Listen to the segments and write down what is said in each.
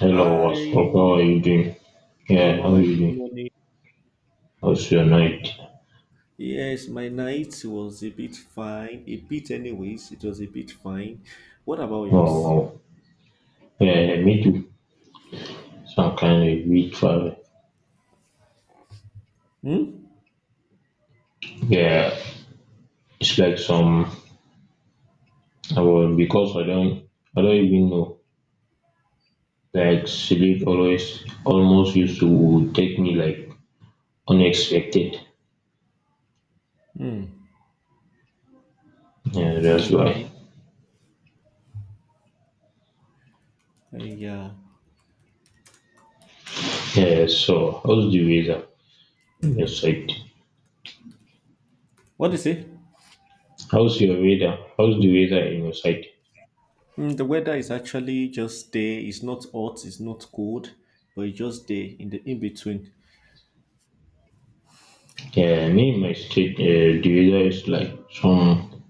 Hello, Hi, what's up? How are you doing? yeah, I'm Yeah, how are right. you Good doing? morning. How's your night? Yes, my night was a bit fine. A bit, anyways, it was a bit fine. What about Oh, yours? wow. Yeah, yeah, me too. Some kind of week for Hmm? yeah. It's like some well, because I don't even know. Like sleep always almost used to take me like unexpected. Hmm. Yeah, that's why. Okay. Uh, yeah. Yeah, so how's the weather in your side? What is it? How's your weather? How's the weather in your side? The weather is actually just there. It's not hot, it's not cold, but it's just there in the in between. Yeah, me in my state, the weather is like some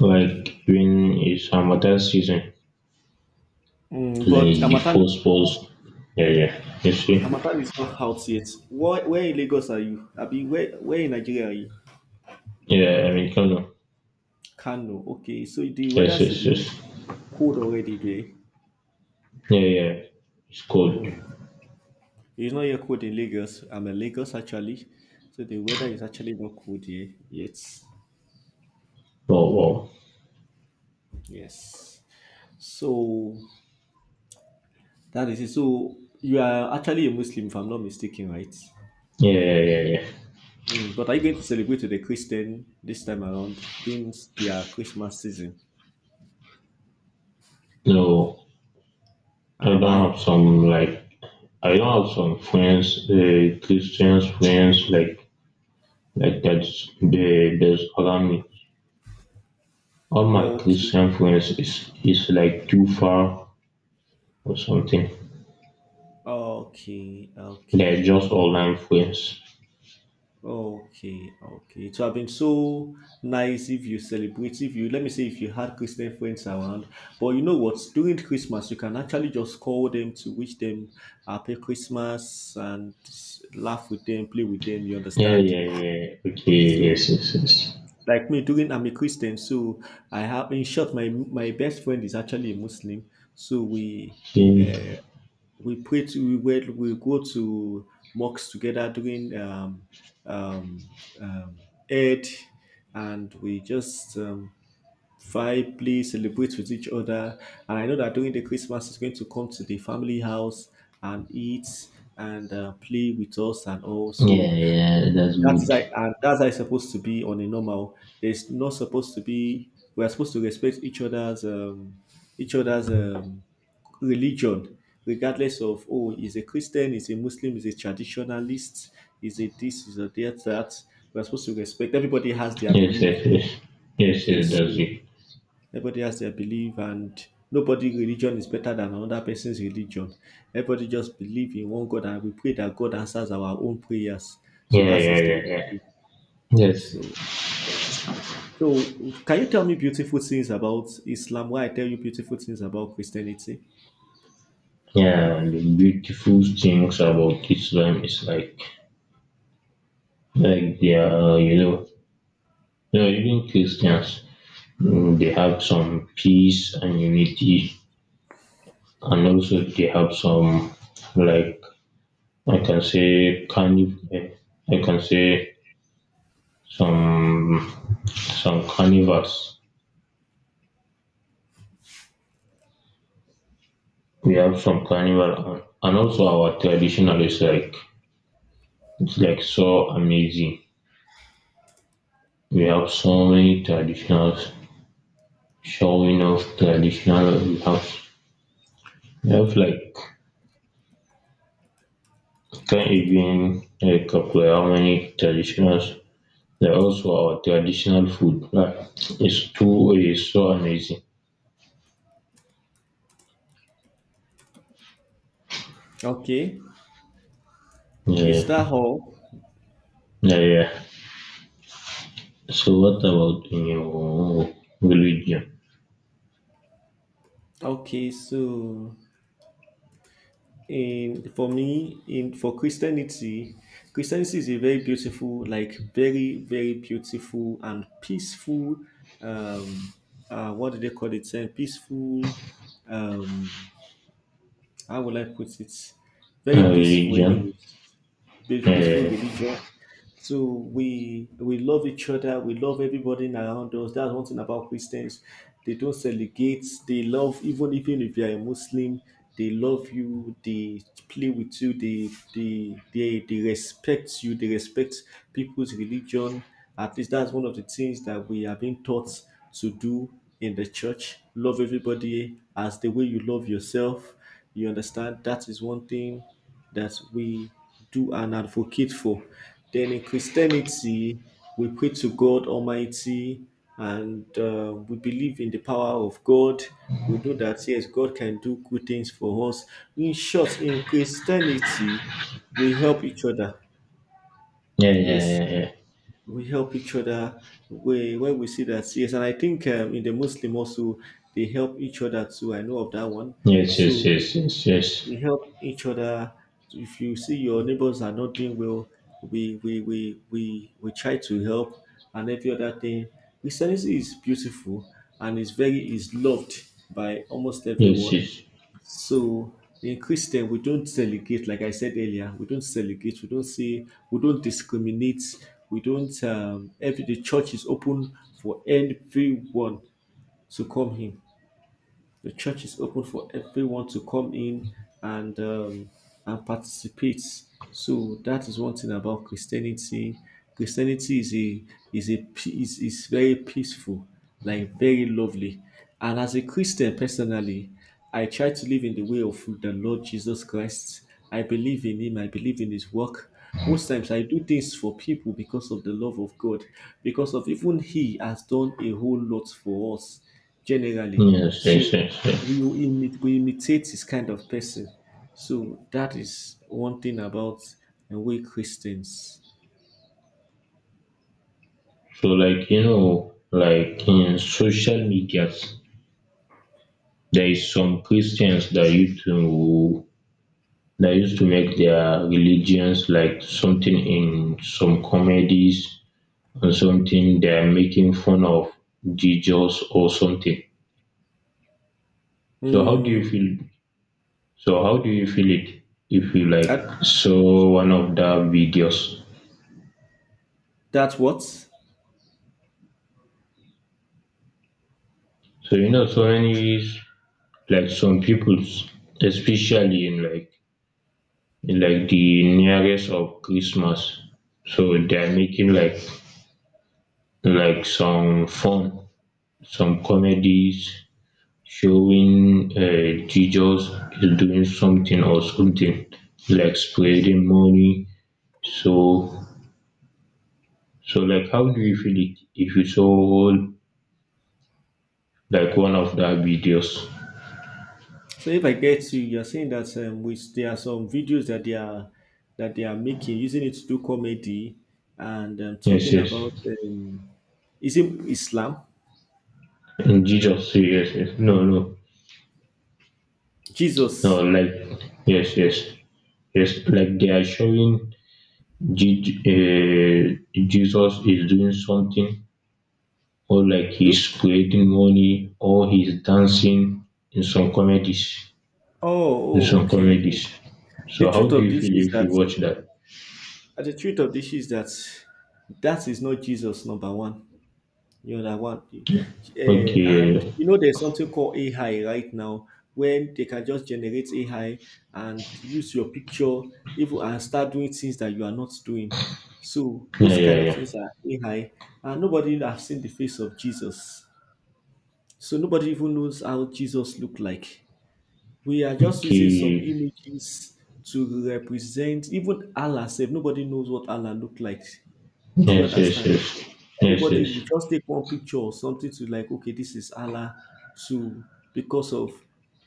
like during his Ramadan season, Hmm. like But the Amatan, four balls. Yeah, yeah. You see? Amatan is not out yet. Where in Lagos are you? Abi, where in Nigeria are you? Yeah, I mean, come on. Kano. Okay, so the weather Yes, should yes, be yes. cold already, Yeah, yeah. It's good. there. It's not yet cold in Lagos. I'm in Lagos actually. So the weather is actually not cold here yet. Oh, wow. Yes. So that is it. So you are actually a Muslim, if I'm not mistaken, right? Yeah, yeah, yeah, yeah. Mm, but are you going to celebrate with a Christian this time around? It's been their Christmas season. No, I Ah, don't have why? some like I don't have some friends, Christian friends like that's they that's around me. All my Okay. Christian friends is like too far or something. Okay. They're Okay. just online friends. Okay, okay. It would have been so nice if you celebrate, if you let me say, if you had Christian friends around. But you know what? During Christmas, you can actually just call them to wish them happy Christmas and laugh with them, play with them. You Yeah, understand? yeah, yeah. Okay, So, yes, yes, yes. like me, during I'm a Christian, so I have, in short, my best friend is actually a Muslim. So Okay. uh, we pray to we went, we go to mosques together during um, um, Eid, and we just vibe, play, celebrate with each other. And I know that during the Christmas, it's going to come to the family house and eat and play with us and all. Yeah, So yeah, that's that is good. how and that's how it's supposed to be on a normal. There's not supposed to be. We are supposed to respect each other's religion, regardless of oh, is a Christian, is a Muslim, is a traditionalist, is a this, is a that. That we are supposed to respect. Everybody has their Yes, belief. yes, yes. Yes, yes, Yes, that's so it. everybody has their belief, and nobody religion is better than another person's religion. Everybody just believe in one God, and we pray that God answers our own prayers. So Yeah, that yeah, is the yeah, yeah. Yes. so So, can you tell me beautiful things about Islam Why I tell you beautiful things about Christianity? Yeah, the beautiful things about Islam is like they are, even Christians, mm, they have some peace and unity, and also they have some, like, I can say, I can say some some carnivals. We have some carnival and also our traditional is like it's like so amazing. We have so many traditionals showing off traditional we have like can't even like calculate how many traditionals. There also our traditional food like it's so amazing. Okay, is Yeah. that all? Yeah, yeah. So what about in your religion? Okay, so in for me, in for Christianity, Christianity is a very beautiful, like very, very beautiful and peaceful. Um, what do they call it? Saying peaceful. Um, how will I put it? Very peaceful, Religion? anyway. Be peaceful Yeah, religion. So we love each other, we love everybody around us. That's one thing about Christians. They don't segregate, they love even if you are a Muslim, they love you, they play with you, they respect you, they respect people's religion. At least that's one of the things that we have been taught to do in the church. Love everybody as the way you love yourself. You understand? That is one thing that we do and advocate for. Then in Christianity, we pray to God Almighty and we believe in the power of God. We know that yes, God can do good things for us. In short, in Christianity, we help each other. yeah, Yes, yeah, yeah. we help each other we, when we see that. Yes, and I think in the Muslim also, they help each other too. I know of that one. Yes, yes, So yes, yes, yes. we help each other. If you see your neighbors are not doing well, we try to help and every other thing. Christianity is beautiful and is very is loved by almost Yes, everyone. yes, So in Christian we don't delegate, like I said earlier, we don't delegate, we don't say we don't discriminate, we don't every the church is open for everyone to come in. The church is open for everyone to come in and um, and participate. So that is one thing about Christianity. Christianity is a is a is very peaceful, like very lovely. And as a Christian personally, I try to live in the way of the Lord Jesus Christ. I believe in Him. I believe in His work. Most times I do things for people because of the love of God, because of even He has done a whole lot for us generally. yes, yes, So yes, we yes. will we imitate this kind of person. So that is one thing about we Christians. So, like, you know, like in social medias, there is some Christians that used to make their religions like something in some comedies or something they are making fun of Jesus or something. So how do you Mm, feel? So how do you feel it if you like that, saw one of the videos? that's what. So you know, so many like some peoples, especially in like the nearest of Christmas. So they're making like some fun, some comedies showing Jesus is doing something or something like spreading money. So so like how do you feel it if you saw like one of the videos? So if I get you, you're saying that there are some videos that they are making using it to do comedy and Yes, talking yes. about um, is it Islam, And Jesus, yes, yes. No, no, no. Jesus. Like yes, yes, yes. Like they are showing Jesus is doing something, or like Do, he's creating money, or he's dancing in some comedies. In oh, some okay, okay. comedies. The So truth how do of you this feel is if that you watch that? And the truth of this is that that is not Jesus number one. You know that one, Eh, and Okay. you know there's something called AI right now when they can just generate AI and use your picture even and start doing things that you are not doing. So Yeah, those yeah, kind of yeah. things are AI, and nobody have seen the face of Jesus. So nobody even knows how Jesus looked like. We are just using some Okay. images to represent even Allah. Said nobody knows what Allah looked like, do you Yes, yes, understand? yes. Yes, Everybody yes. we just take one picture or something to like, okay, this is Allah to because of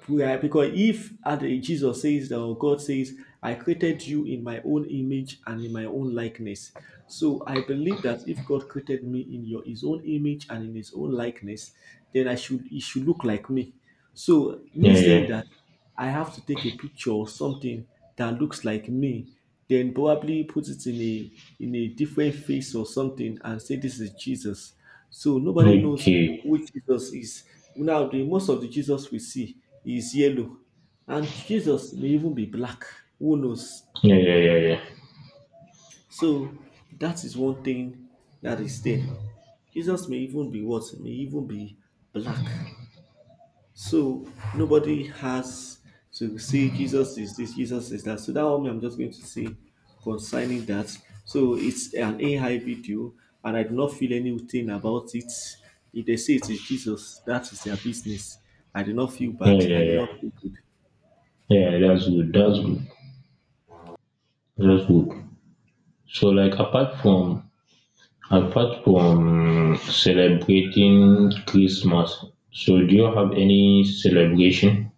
prayer. Because if at the- Jesus says that or God says, I created you in my own image and in my own likeness. So I believe that if God created me in your his own image and in his own likeness, then I should it should look like me. So Yeah, me saying that yeah. I have to take a picture or something that looks like me, then probably put it in a different face or something and say this is Jesus. So nobody knows Okay. which Jesus is. Now the most of the Jesus we see is yellow. And Jesus may even be black. Who knows? Yeah, yeah, yeah, yeah. So that is one thing that is there. Jesus may even be what? May even be black. So nobody has to say Jesus is this, Jesus is that. So that one I'm just going to say concerning that. So it's an AI video, and I do not feel anything about it. If they say it is Jesus, that is their business. I do not feel Yeah, bad. yeah, I do not yeah. feel good. Yeah, that's good. That's good. That's good. So like apart from apart from celebrating Christmas, so do you have any celebration?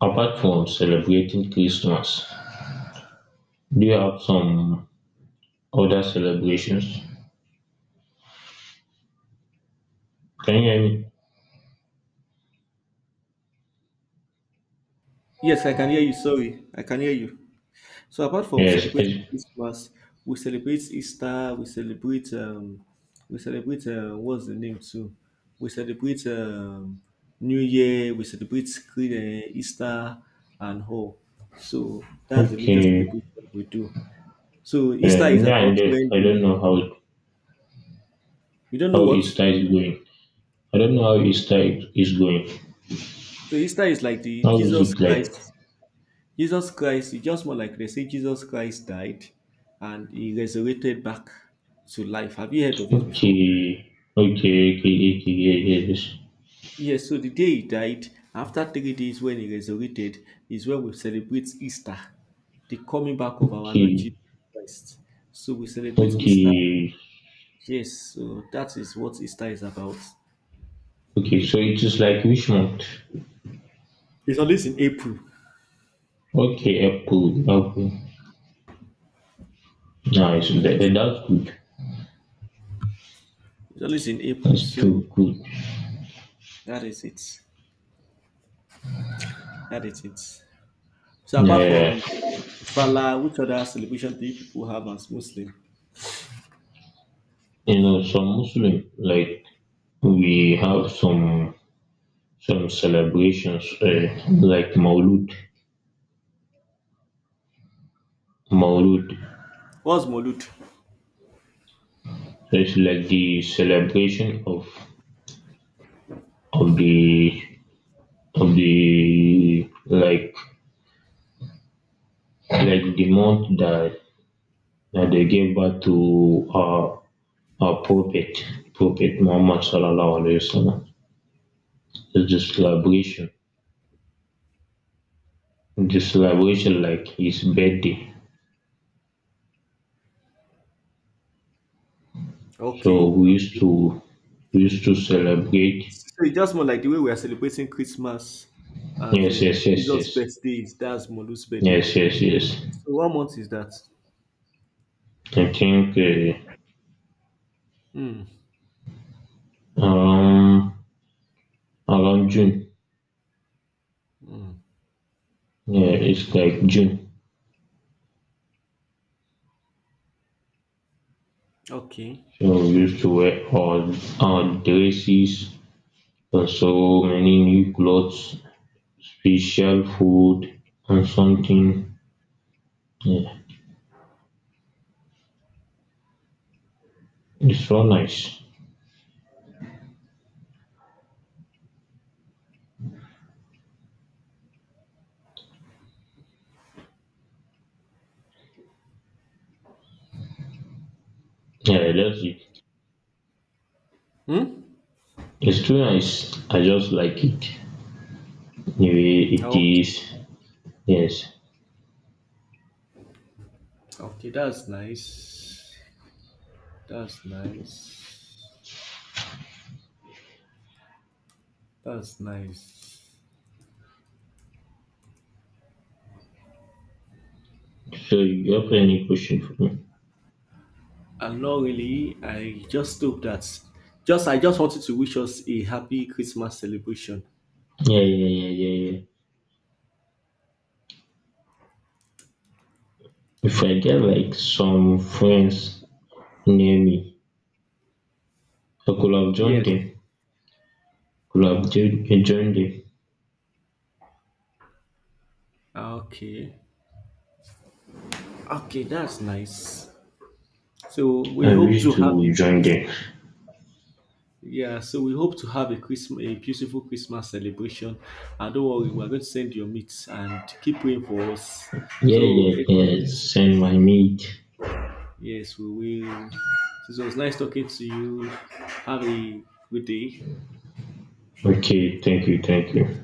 Apart from celebrating Christmas, do you have some other celebrations? Can you hear me? Yes, I can hear you. Sorry, I can hear you. So apart from Yes, celebrating yes. Christmas, we celebrate Easter, we celebrate what's the name too? We celebrate New Year, we celebrate Easter and all. So that's the major Okay. celebration we do. So Easter is Yeah, about and then when I don't the know you don't know how what? So Easter is going. I don't know how Easter is going. Easter is like the How is Jesus it like? Christ. Jesus Christ, it's just more like they say Jesus Christ died and he resurrected back to life. Have you heard of it before? Okay. Okay. Okay. Okay. Okay. Yes. Yes, so the day he died, after 3 days when he resurrected, is when we celebrate Easter, the coming back of our Lord Okay. Jesus Christ. So we celebrate Easter. Okay. Yes, so that is what Easter is about. Okay, so it is like which month? It's always in April. Okay, April. Okay, nice. That, It's always, that's good. it's always in April. That's too So good. that is it. That is it. So apart Yeah, from Salah, which other celebration do you people have as Muslim? you know, some Muslim like we have some celebrations like Maulud. Maulud. What's Molud? So it's like the celebration of the of the like the month that that they gave birth to our prophet Muhammad sallallahu alaihi wasallam. It's Mm, the celebration like his birthday. So okay, we used okay. to we used to celebrate. So it's just more like the way we are celebrating Christmas as Yes, yes, yes, Jesus' yes, birthday is that's Molu's birthday. yes, yes, yes. So what month is that? I think Hmm. around around June. Yeah, it's like June. Okay. So we used to wear all our dresses and so many new clothes, special food and something. Yeah, it's so nice. Yeah, that's it. Hmm. It's too nice. I just like it. Yeah, yeah, it Okay. is. Yes. Okay. That's nice. That's nice. That's nice. So you have any question for me? And not really. I just hope that. Just I just wanted to wish us a happy Christmas celebration. Yeah, yeah, yeah, yeah, yeah. If I get like some friends near me, I could have joined Yes. them. Could have joined them. Okay. Okay. That's nice. So we I hope to wish have to a join them. Christmas. Yeah, so we hope to have a Christmas, a beautiful Christmas celebration. And don't worry, we're going to send your meats and keep praying for us. Yeah, So yeah, it yeah. was, Send my meat. yes, we will. So it was nice talking to you. Have a good day. Okay, thank you, thank you.